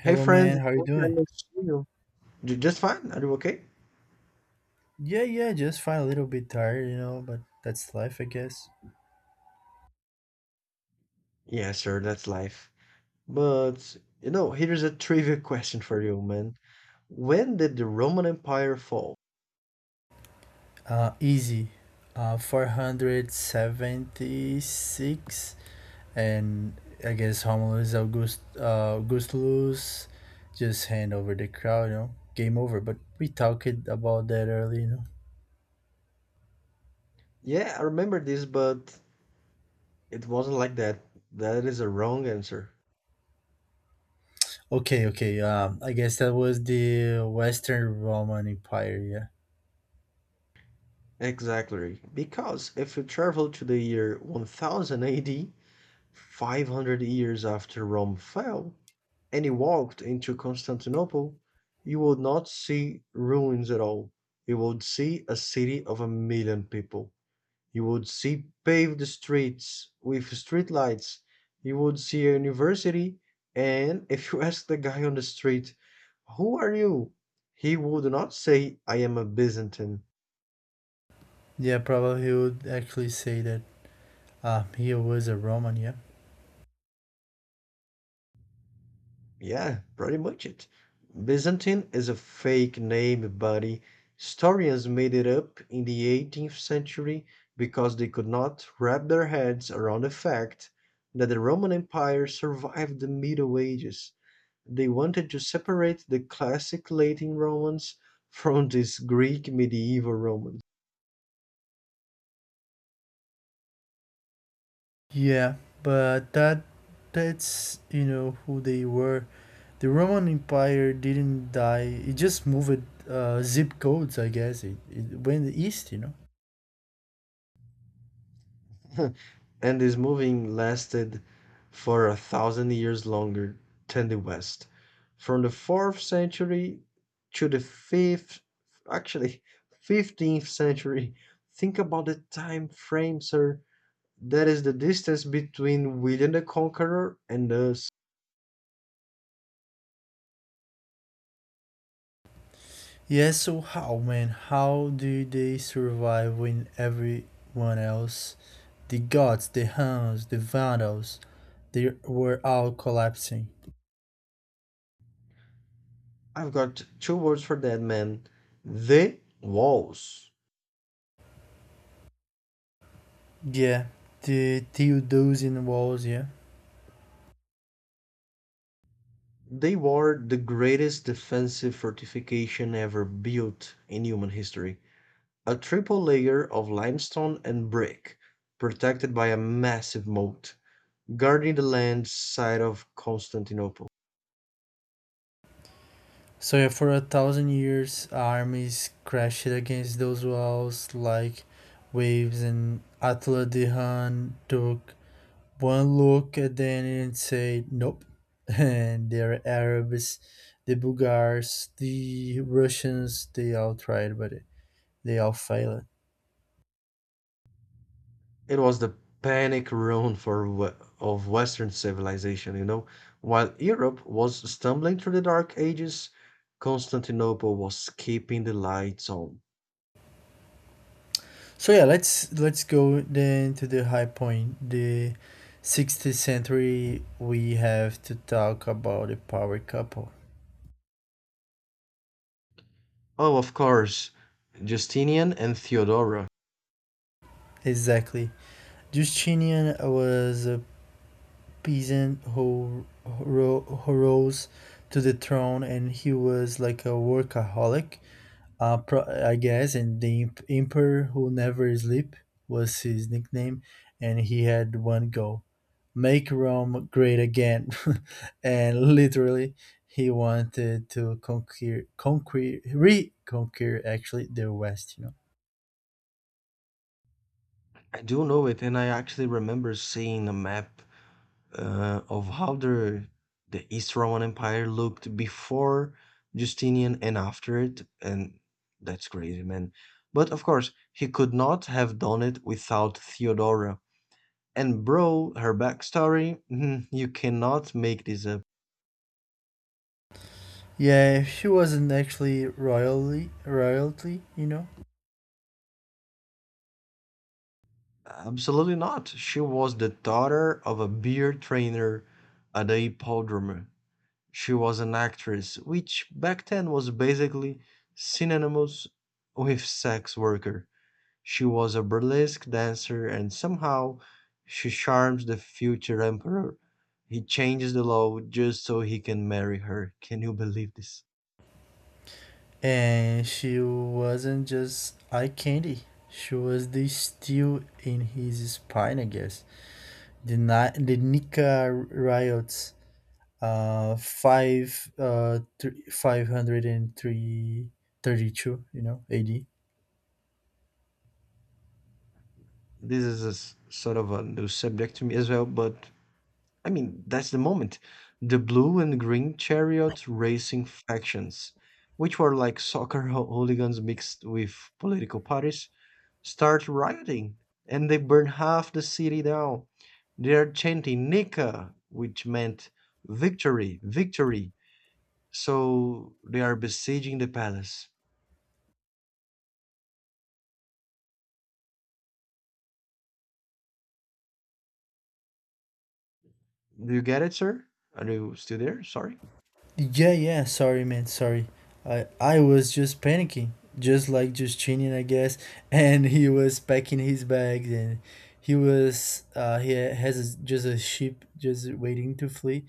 Hey Hello, man. friends, How you long time doing? no see you. Just fine. Are you okay? Yeah, yeah. Just fine. A little bit tired, but that's life, I guess. Yes, sir, that's life. But you know, here's a trivia question for you, man. When did the Roman Empire fall? Easy. 476, and I guess Romulus Augustulus just hand over the crowd. Game over. But we talked about that earlier. Yeah, I remember this, but it wasn't like that. That is a wrong answer. Okay, okay. I guess that was the Western Roman Empire. Yeah, Exactly. Because if you travel to the year 1000 AD, 500 years after Rome fell, and you walked into Constantinople, you would not see ruins at all. You would see a city of a million people. You would see paved streets with street lights. You would see a university, and if you ask the guy on the street, "Who are you?" he would not say, "I am a Byzantine." yeah. Probably he would actually say that. He was a Roman. Yeah. Yeah, pretty much it. Byzantine is a fake name, buddy. Historians made it up in the 18th century because they could not wrap their heads around the fact that the Roman Empire survived the Middle Ages. They wanted to separate the classic Latin Romans from these Greek medieval Romans. Yeah, but that's you know who they were. The Roman Empire didn't die. It just moved zip codes, I guess. It went east. And this moving lasted for a thousand years longer than the West, from the 4th century to the 5th, actually 15th century. Think about the time frame, sir. That is the distance between William the Conqueror and us. Yeah, so how do they survive when everyone else, the gods, the Huns, the Vandals, they were all collapsing? I've got two words for that, man. The walls. Yeah, the Theodosian walls, yeah. They were the greatest defensive fortification ever built in human history. A triple layer of limestone and brick, protected by a massive moat, guarding the land side of Constantinople. So yeah, for a thousand years, armies crashed against those walls like waves, and Attila the Hun took one look at them and said, "Nope." And their Arabs, the Bulgars, the Russians, they all tried, but they all failed. It was the panic room for of Western civilization, you know. While Europe was stumbling through the Dark Ages, Constantinople was keeping the lights on. So yeah, let's go then to the high point, the 16th century. We have to talk about the power couple. Oh, of course, Justinian and Theodora. Exactly. Justinian was a peasant who rose to the throne, and he was like a workaholic, I guess. And the emperor who never sleep was his nickname, and he had one goal: make Rome great again. And literally, he wanted to reconquer actually the West. You know. I do know it, and I actually remember seeing a map of how the East Roman Empire looked before Justinian and after it, and that's crazy, man. But of course, he could not have done it without Theodora. And bro, her backstory, you cannot make this up. Yeah, she wasn't actually royally royalty. Absolutely not. She was the daughter of a beer trainer at the hippodrome. She was an actress, which back then was basically synonymous with sex worker. She was a burlesque dancer and somehow she charms the future emperor. He changes the law just so he can marry her. Can you believe this? And she wasn't just eye candy. She was the steel in his spine, I guess. The Nika riots, three, and three thirty two AD. This is a sort of a new subject to me as well, but I mean, that's the moment. The blue and green chariot racing factions, which were like soccer hooligans mixed with political parties, start rioting and they burn half the city down. They are chanting Nika, which meant victory, victory. So they are besieging the palace. Do you get it, sir? Are you still there? Sorry. Yeah, yeah. Sorry, man. Sorry. I was just panicking, just like Justinian, I guess. And he was packing his bags, and he was he has a, just a ship just waiting to flee,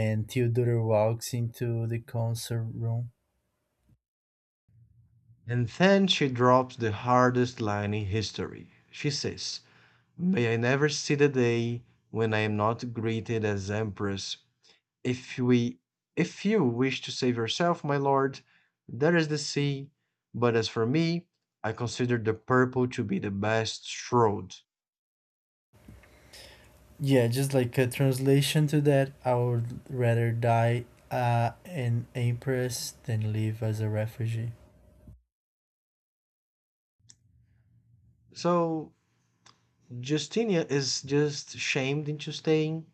and Theodore walks into the council room. And then she drops the hardest line in history. She says, "May I never see the day when I am not greeted as Empress. If we if you wish to save yourself, my lord, there is the sea, but as for me, I consider the purple to be the best road." Yeah, just like a translation to that, I would rather die an empress than live as a refugee. So Justinia is just shamed into staying,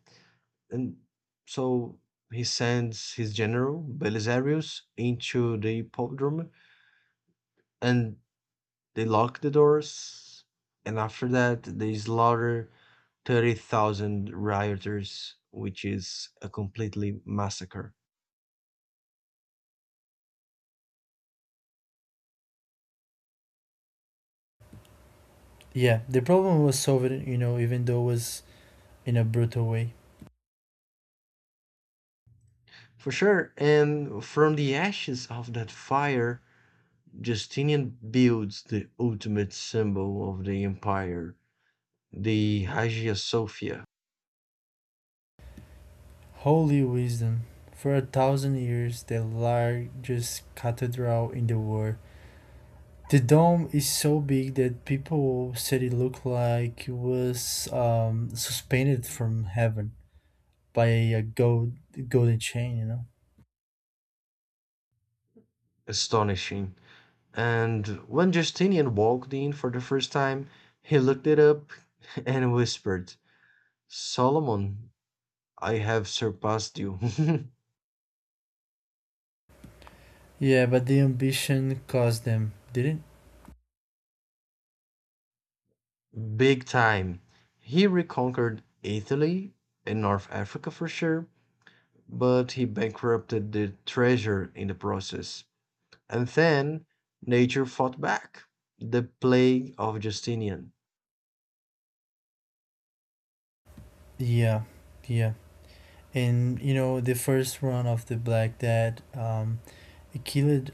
and so he sends his general, Belisarius, into the hippodrome, and they lock the doors, and after that, they slaughter 30,000 rioters, which is a completely massacre. Yeah, the problem was solved, even though it was in a brutal way. For sure. And from the ashes of that fire, Justinian builds the ultimate symbol of the empire, the Hagia Sophia. Holy Wisdom, for a thousand years the largest cathedral in the world. The dome is so big that people said it looked like it was suspended from heaven by a golden chain. Astonishing. And when Justinian walked in for the first time, he looked it up and whispered, "Solomon, I have surpassed you." Yeah, but the ambition caused them, didn't? Big time. He reconquered Italy and North Africa for sure, but he bankrupted the treasure in the process. And then nature fought back. The plague of Justinian. it? Yeah, yeah. And the first run of the Black Death, it killed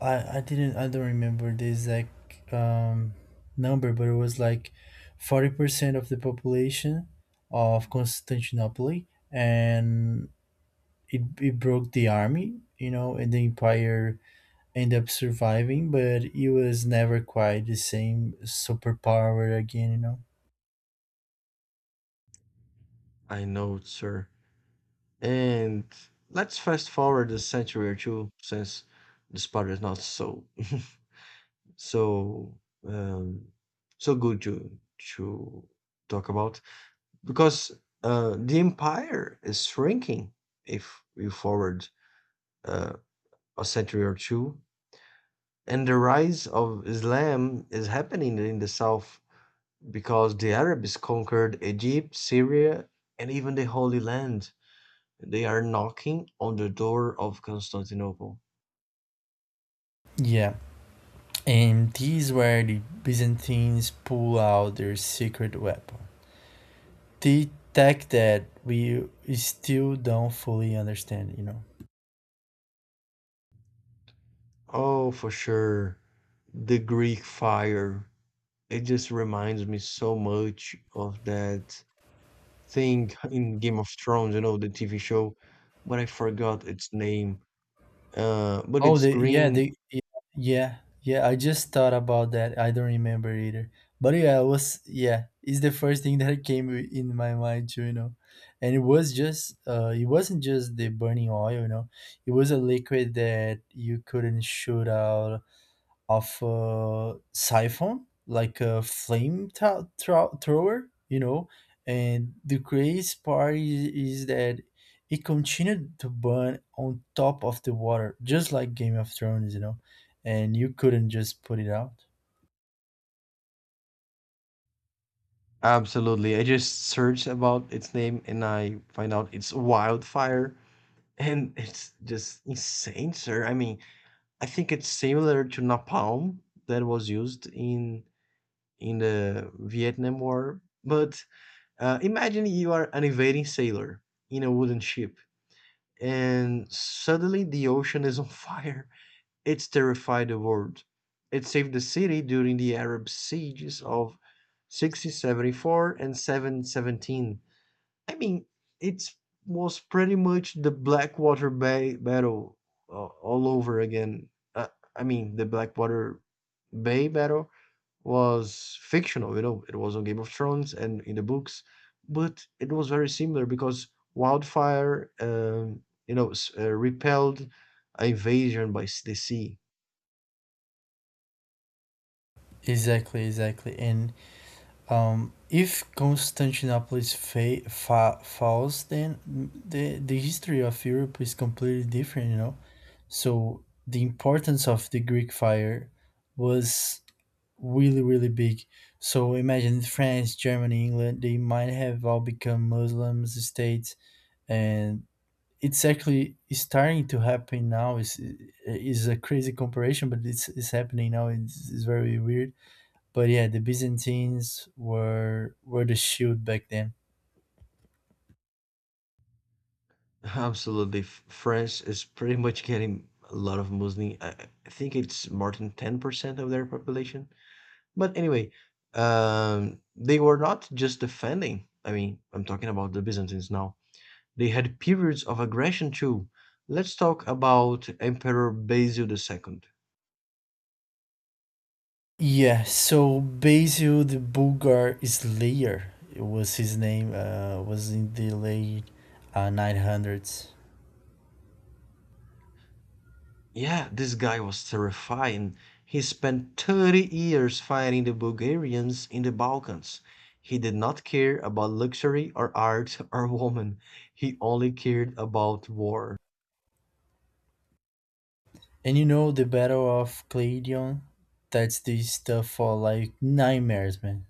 I didn't I don't remember the exact number, but it was like 40% of the population of Constantinople, and it broke the army, and the empire ended up surviving, but it was never quite the same superpower again. I know, sir. And let's fast forward a century or two since this part is not so so um, so good to talk about because the empire is shrinking if we forward uh, a century or two, and the rise of Islam is happening in the south because the Arabs conquered Egypt, Syria, and even the Holy Land. They are knocking on the door of Constantinople. Yeah, and these where the Byzantines pull out their secret weapon, the tech that we still don't fully understand. Oh, for sure. The Greek fire. It just reminds me so much of that thing in Game of Thrones, you know, the TV show, but I forgot its name. But Oh, it's the yeah, green. Yeah, yeah. I just thought about that. I don't remember either. But yeah, I was yeah. It's the first thing that came in my mind too. And it wasn't just the burning oil. It was a liquid that you couldn't shoot out of a siphon, like a flame thrower. And the crazy part is that it continued to burn on top of the water, just like Game of Thrones. And you couldn't just put it out. Absolutely. I just searched about its name and I find out it's wildfire. And it's just insane, sir. I mean, I think it's similar to napalm that was used in the Vietnam War. But imagine you are an invading sailor in a wooden ship, and suddenly the ocean is on fire. It's terrified the world. It saved the city during the Arab sieges of 1674 and 717. I mean, it was pretty much the Blackwater Bay battle all over again. Uh, I mean, the Blackwater Bay battle was fictional, you know, it was on Game of Thrones and in the books, but it was very similar because Wildfire, repelled an invasion by the sea. Exactly, exactly. And if Constantinople is falls, then the history of Europe is completely different. So the importance of the Greek fire was really, really big. So imagine France, Germany, England, they might have all become Muslims states. And it's actually starting to happen now. It's a crazy comparison, but it's happening now. It's very weird. But yeah, the Byzantines were the shield back then. Absolutely. France is pretty much getting a lot of Muslim. I think it's more than 10% of their population. But anyway, they were not just defending. I mean, I'm talking about the Byzantines now. They had periods of aggression too. Let's talk about Emperor Basil II. Yeah, so Basil the Bulgar Slayer it was his name, was in the late 900s. Yeah, this guy was terrifying. He spent 30 years fighting the Bulgarians in the Balkans. He did not care about luxury or art or woman. He only cared about war. And you know the Battle of Claydon? That's the stuff for like nightmares, man.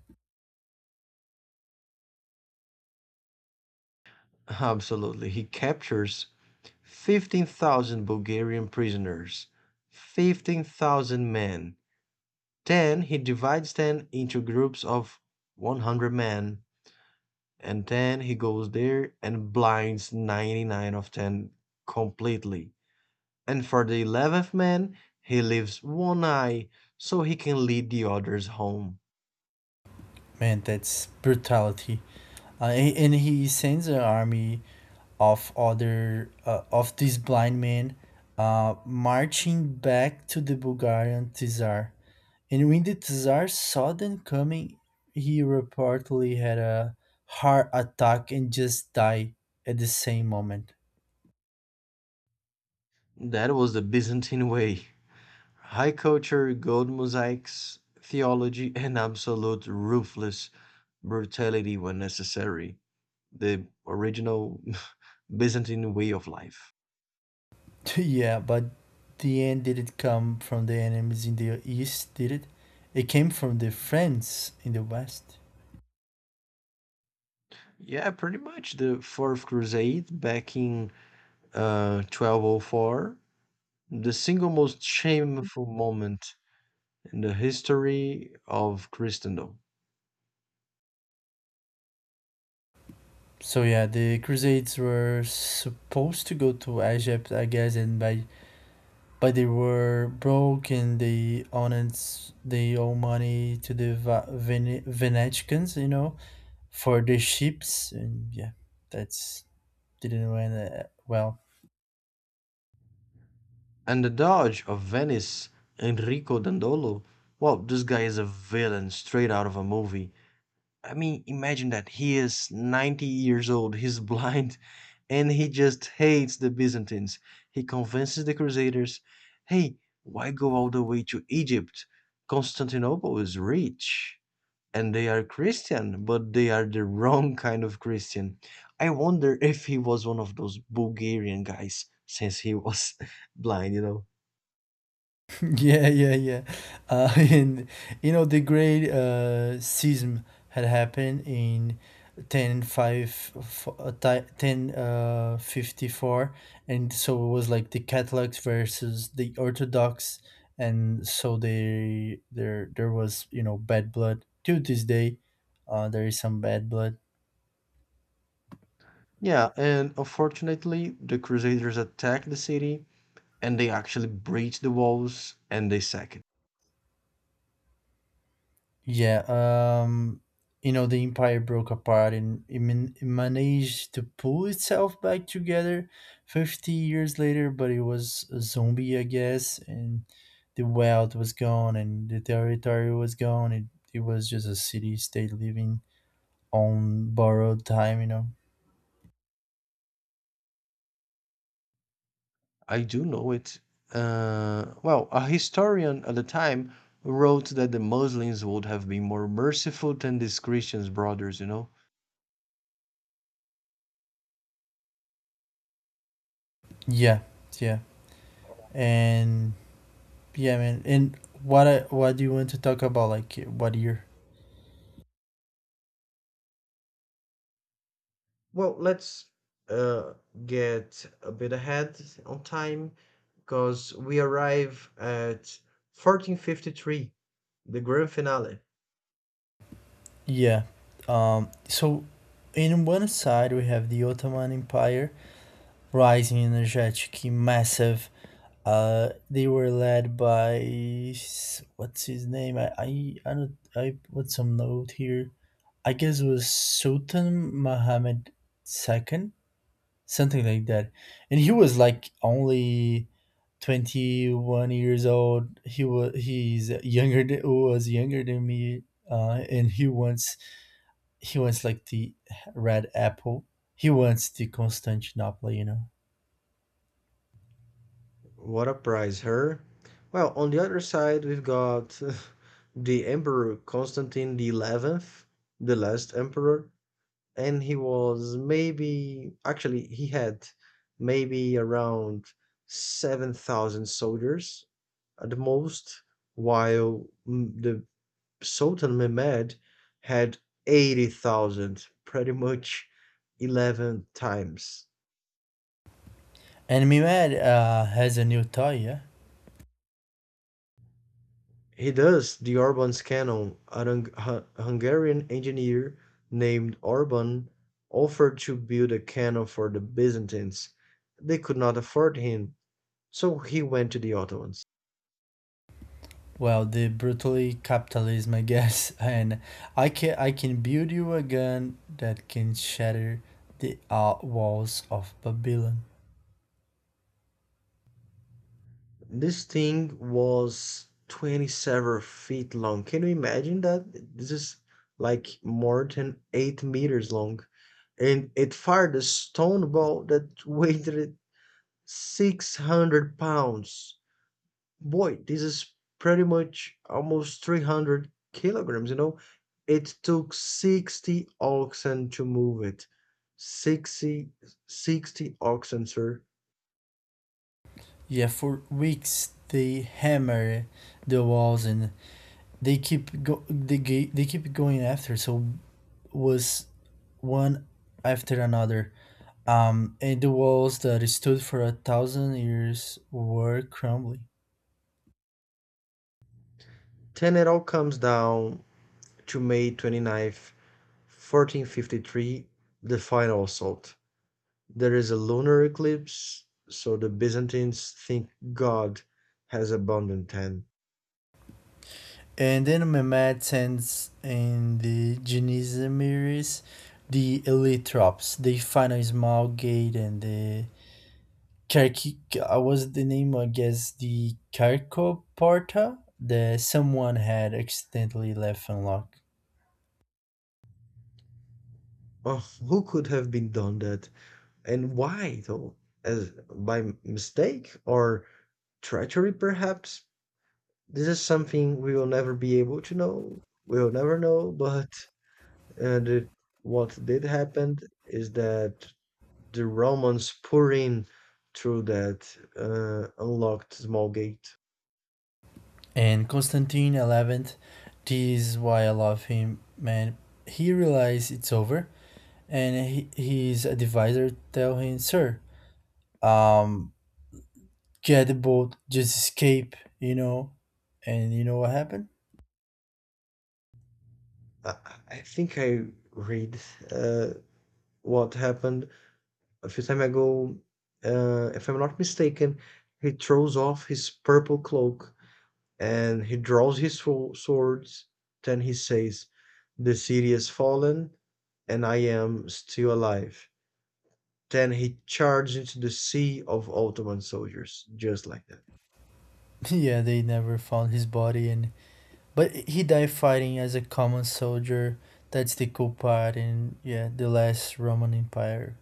Absolutely. He captures 15,000 Bulgarian prisoners, 15,000 men. Then he divides them into groups of 100 men, and then he goes there and blinds 99 of them completely. And for the 11th man, he leaves one eye so he can lead the others home. Man, that's brutality. And he sends an army of other of this blind men marching back to the Bulgarian Tsar. And when the Tsar saw them coming, he reportedly had a heart attack and just died at the same moment. That was the Byzantine way: high culture, gold mosaics, theology, and absolute ruthless brutality when necessary. The original Byzantine way of life. Yeah, but the end didn't come from the enemies in the east, did it? It came from the friends in the west. Yeah, pretty much the Fourth Crusade back in 1204, the single most shameful moment in the history of Christendom. So yeah, the Crusades were supposed to go to Egypt, I guess, and by but they were broke and they owe money to the Venetians, for the ships, and yeah, that's didn't went well. And the Doge of Venice, Enrico Dandolo, well, this guy is a villain straight out of a movie. I mean, imagine that he is 90 years old, he's blind, and he just hates the Byzantines. He convinces the Crusaders, "Hey, why go all the way to Egypt? Constantinople is rich and they are Christian, but they are the wrong kind of Christian." I wonder if he was one of those Bulgarian guys since he was blind, you know. Yeah, yeah, yeah. And you know the great schism had happened in ten five, f- ti- 10 54, and so it was like the Catholics versus the Orthodox, and so they there there was bad blood to this day. There is some bad blood. Yeah, and unfortunately, the Crusaders attacked the city and they actually breached the walls and they sacked. Yeah, um, the empire broke apart, and it managed to pull itself back together 50 years later, but it was a zombie, I guess, and the wealth was gone and the territory was gone. It was just a city state living on borrowed time. I do know it. Well, a historian at the time wrote that the Muslims would have been more merciful than these Christians brothers, you know? Yeah, yeah. And yeah, man. And what do you want to talk about? Like, what year? Well, let's uh, get a bit ahead on time because we arrive at 1453, the grand finale. Yeah. So, in one side, we have the Ottoman Empire, rising, energetic, massive. They were led by what's his name? I, don't, I put some note here. I guess it was Sultan Mohammed the Second, something like that. And he was like only 21 years old. He's younger than, was younger than me. And he wants like the red apple. He wants the Constantinople. What a prize, her. Well, on the other side, we've got the Emperor Constantine the 11th, the last emperor, and he was maybe actually he had maybe around 7,000 soldiers at the most, while the Sultan Mehmed had 80,000, pretty much 11 times. And Mimad has a new toy, yeah. He does the Orban's cannon, a Hungarian engineer named Orban offered to build a cannon for the Byzantines. They could not afford him, so he went to the Ottomans. Well, the brutally capitalism, I guess. And I can build you a gun that can shatter the walls of Babylon. This thing was 27 feet long. Can you imagine that? This is like more than 8 meters long. And it fired a stone ball that weighed 600 pounds. Boy, this is pretty much almost 300 kilograms, you know? It took 60 oxen to move it. 60. 60 oxen, sir. Yeah, for weeks they hammer the walls, and they keep go they ga- they keep going after. So was one after another, and the walls that stood for a thousand years were crumbling. Then it all comes down to May twenty-ninth, 1453, the final assault. There is a lunar eclipse, so the Byzantines think God has abandoned them. And then Mehmed sends in the Genizamiris, the elite troops. They find a small gate and the Karki, I was the name, I guess, the Karkoporta that someone had accidentally left unlocked. Oh, who could have been done that? And why though? As by mistake or treachery perhaps? This is something we will never be able to know. We will never know, but uh, the, what did happen is that the Romans pour in through that unlocked small gate. And Constantine the 11th. This is why I love him, man. He realizes it's over, and his advisor tell him, "Sir, um, get the boat, just escape." And you know what happened? I I think I read uh, what happened a few time ago. If I'm not mistaken, he throws off his purple cloak and he draws his swords. Then he says, "The city has fallen, and I am still alive." Then he charges into the sea of Ottoman soldiers, just like that. Yeah, they never found his body, and but he died fighting as a common soldier. That's the cool part, and yeah, the last Roman Empire.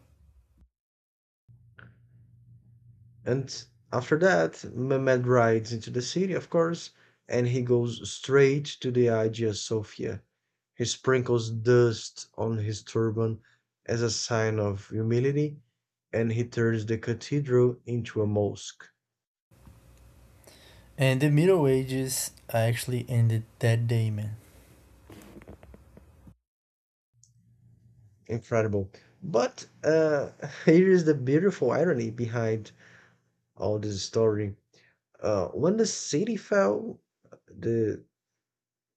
And after that, Mehmed rides into the city, of course, and he goes straight to the Hagia Sophia. He sprinkles dust on his turban as a sign of humility, and he turns the cathedral into a mosque. And the Middle Ages actually ended that day, man. Incredible. But here is the beautiful irony behind all this story. When the city fell, the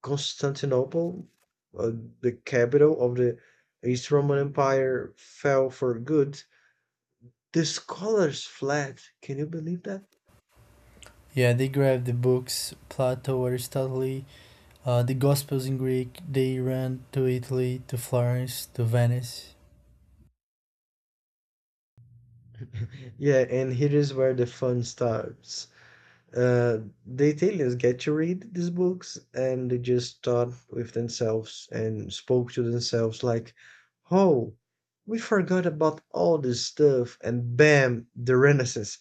Constantinople, uh, the capital of the East Roman Empire, fell for good, the scholars fled. Can you believe that? Yeah, they grabbed the books, Plato, Aristotle, the Gospels in Greek. They ran to Italy, to Florence, to Venice. Yeah, and here is where the fun starts. Uh, the Italians get to read these books and they just thought with themselves and spoke to themselves like, oh, we forgot about all this stuff and bam, the Renaissance.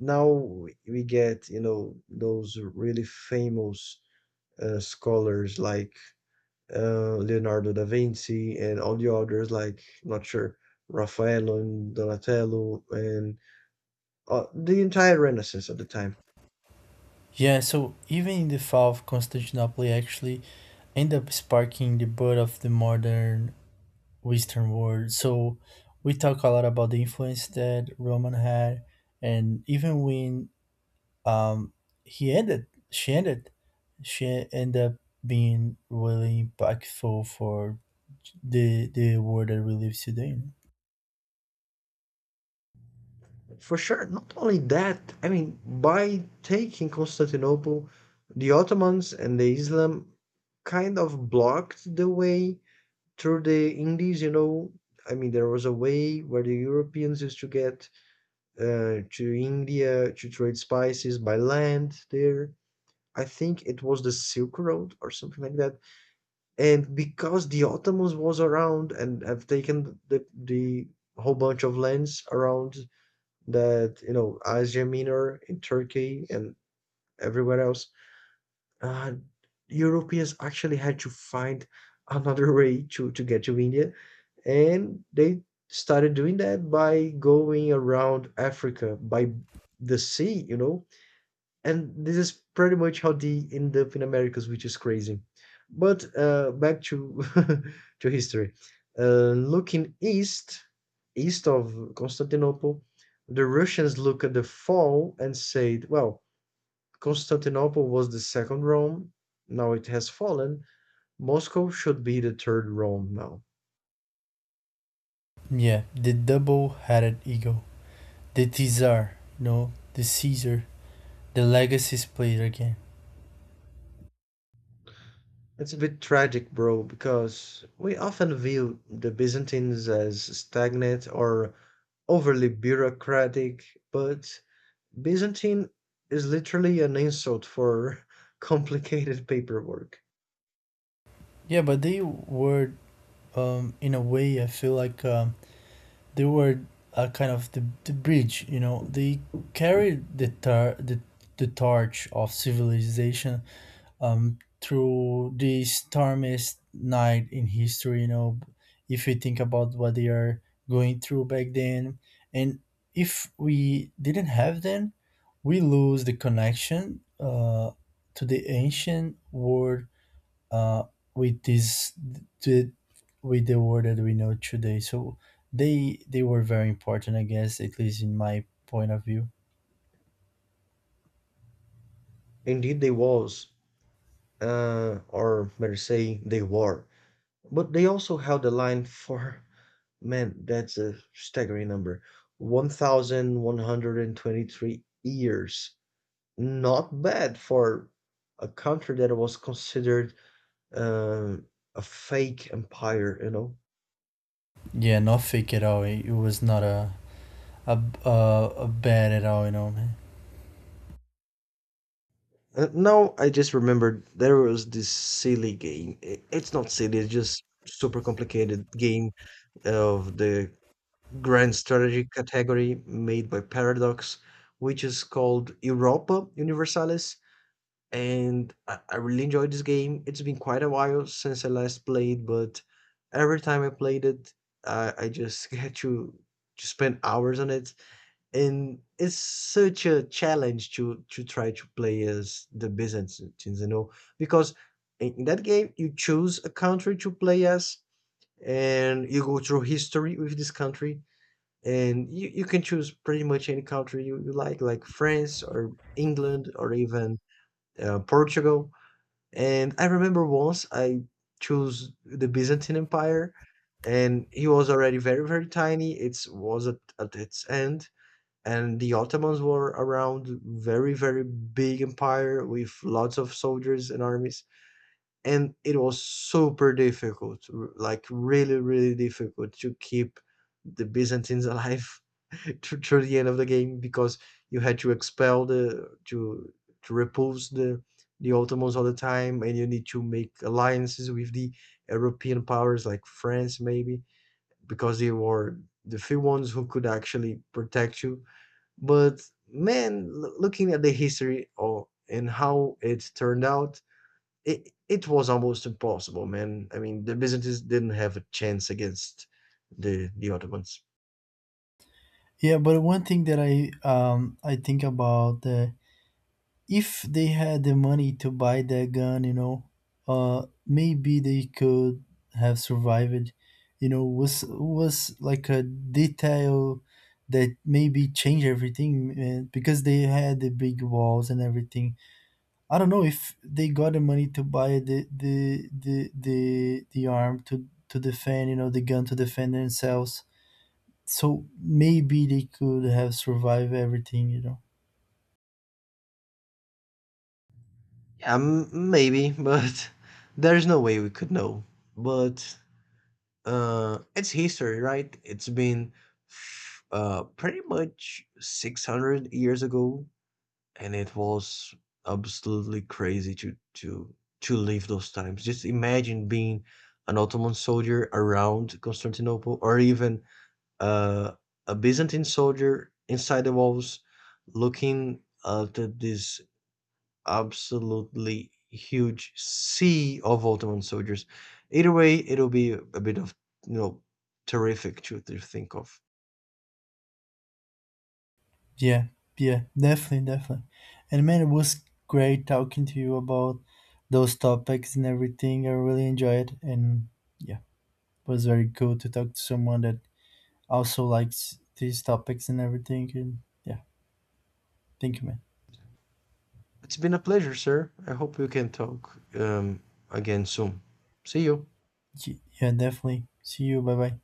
Now we get, you know, those really famous scholars like Leonardo da Vinci and all the others, like not sure Raphael and Donatello and the entire Renaissance at the time. Yeah, so even the fall of Constantinople, actually, ended up sparking the birth of the modern Western world. So we talk a lot about the influence that Roman had, and even when um, he ended, she ended, she ended up being really impactful for the world that we live today. For sure, not only that, I mean, by taking Constantinople, the Ottomans and the Islam kind of blocked the way through the Indies, you know. I mean, there was a way where the Europeans used to get to India to trade spices by land there. I think it was the Silk Road or something like that. And because the Ottomans was around and have taken the whole bunch of lands around that, you know, Asia Minor in Turkey and everywhere else, uh, Europeans actually had to find another way to get to India. And they started doing that by going around Africa by the sea, you know, and this is pretty much how they end up in Americas, which is crazy. But back to to history. Looking east, east of Constantinople, the Russians look at the fall and said, "Well, Constantinople was the second Rome. Now it has fallen. Moscow should be the third Rome now." Yeah, the double-headed eagle, the Tsar, the Caesar, the legacies played again. It's a bit tragic, bro, because we often view the Byzantines as stagnant or overly bureaucratic, but Byzantine is literally an insult for complicated paperwork. Yeah, but they were, in a way, I feel like they were a kind of the bridge. They carried the tar- the torch of civilization through the stormiest night in history. If we think about what they are going through back then, and if we didn't have them, we lose the connection to the ancient world, uh, with this to, with the world that we know today. So they were very important, I guess, at least in my point of view. Indeed, they was, or better say, they were. But they also held the line for, man, that's a staggering number, 1,123 years. Not bad for a country that was considered um, a fake empire, you know? Yeah, not fake at all. It was not a bad at all, man. Now I just remembered there was this silly game. It's not silly, it's just super complicated game of the grand strategy category made by Paradox, which is called Europa Universalis. And I really enjoyed this game. It's been quite a while since I last played, but every time I played it, I just had to spend hours on it, and it's such a challenge to try to play as the Byzantines, you know, because in that game you choose a country to play as, and you go through history with this country. And you can choose pretty much any country you like France or England or even Portugal. And I remember once I chose the Byzantine Empire, and it was already very, very tiny. It was at its end, and the Ottomans were around very, very big empire with lots of soldiers and armies, and it was super difficult, like really, really difficult to keep the Byzantines alive through the end of the game because you had to expel the to repulse the Ottomans all the time, and you need to make alliances with the European powers like France maybe because they were the few ones who could actually protect you. But man, looking at the history or and how it turned out, it was almost impossible, man. I mean, the Byzantines didn't have a chance against the Ottomans. Yeah, but one thing that I think about, if they had the money to buy that gun, maybe they could have survived. Was like a detail that maybe change everything, man. Because they had the big walls and everything. I don't know if they got the money to buy the arm to defend, the gun to defend themselves, so maybe they could have survived everything. Yeah, maybe, but there's no way we could know. But it's history, right? It's been pretty much 600 years ago, and it was absolutely crazy to live those times. Just imagine being an Ottoman soldier around Constantinople, or even uh, a Byzantine soldier inside the walls looking at this absolutely huge sea of Ottoman soldiers. Either way, it'll be a bit of, you know, terrific to think of. Yeah, yeah, definitely, definitely. And man, it was great talking to you about those topics and everything. I really enjoyed it, and yeah, it was very cool to talk to someone that also likes these topics and everything. And yeah, thank you, man. It's been a pleasure, sir. I hope we can talk again soon. See you. Yeah, definitely. See you. Bye bye.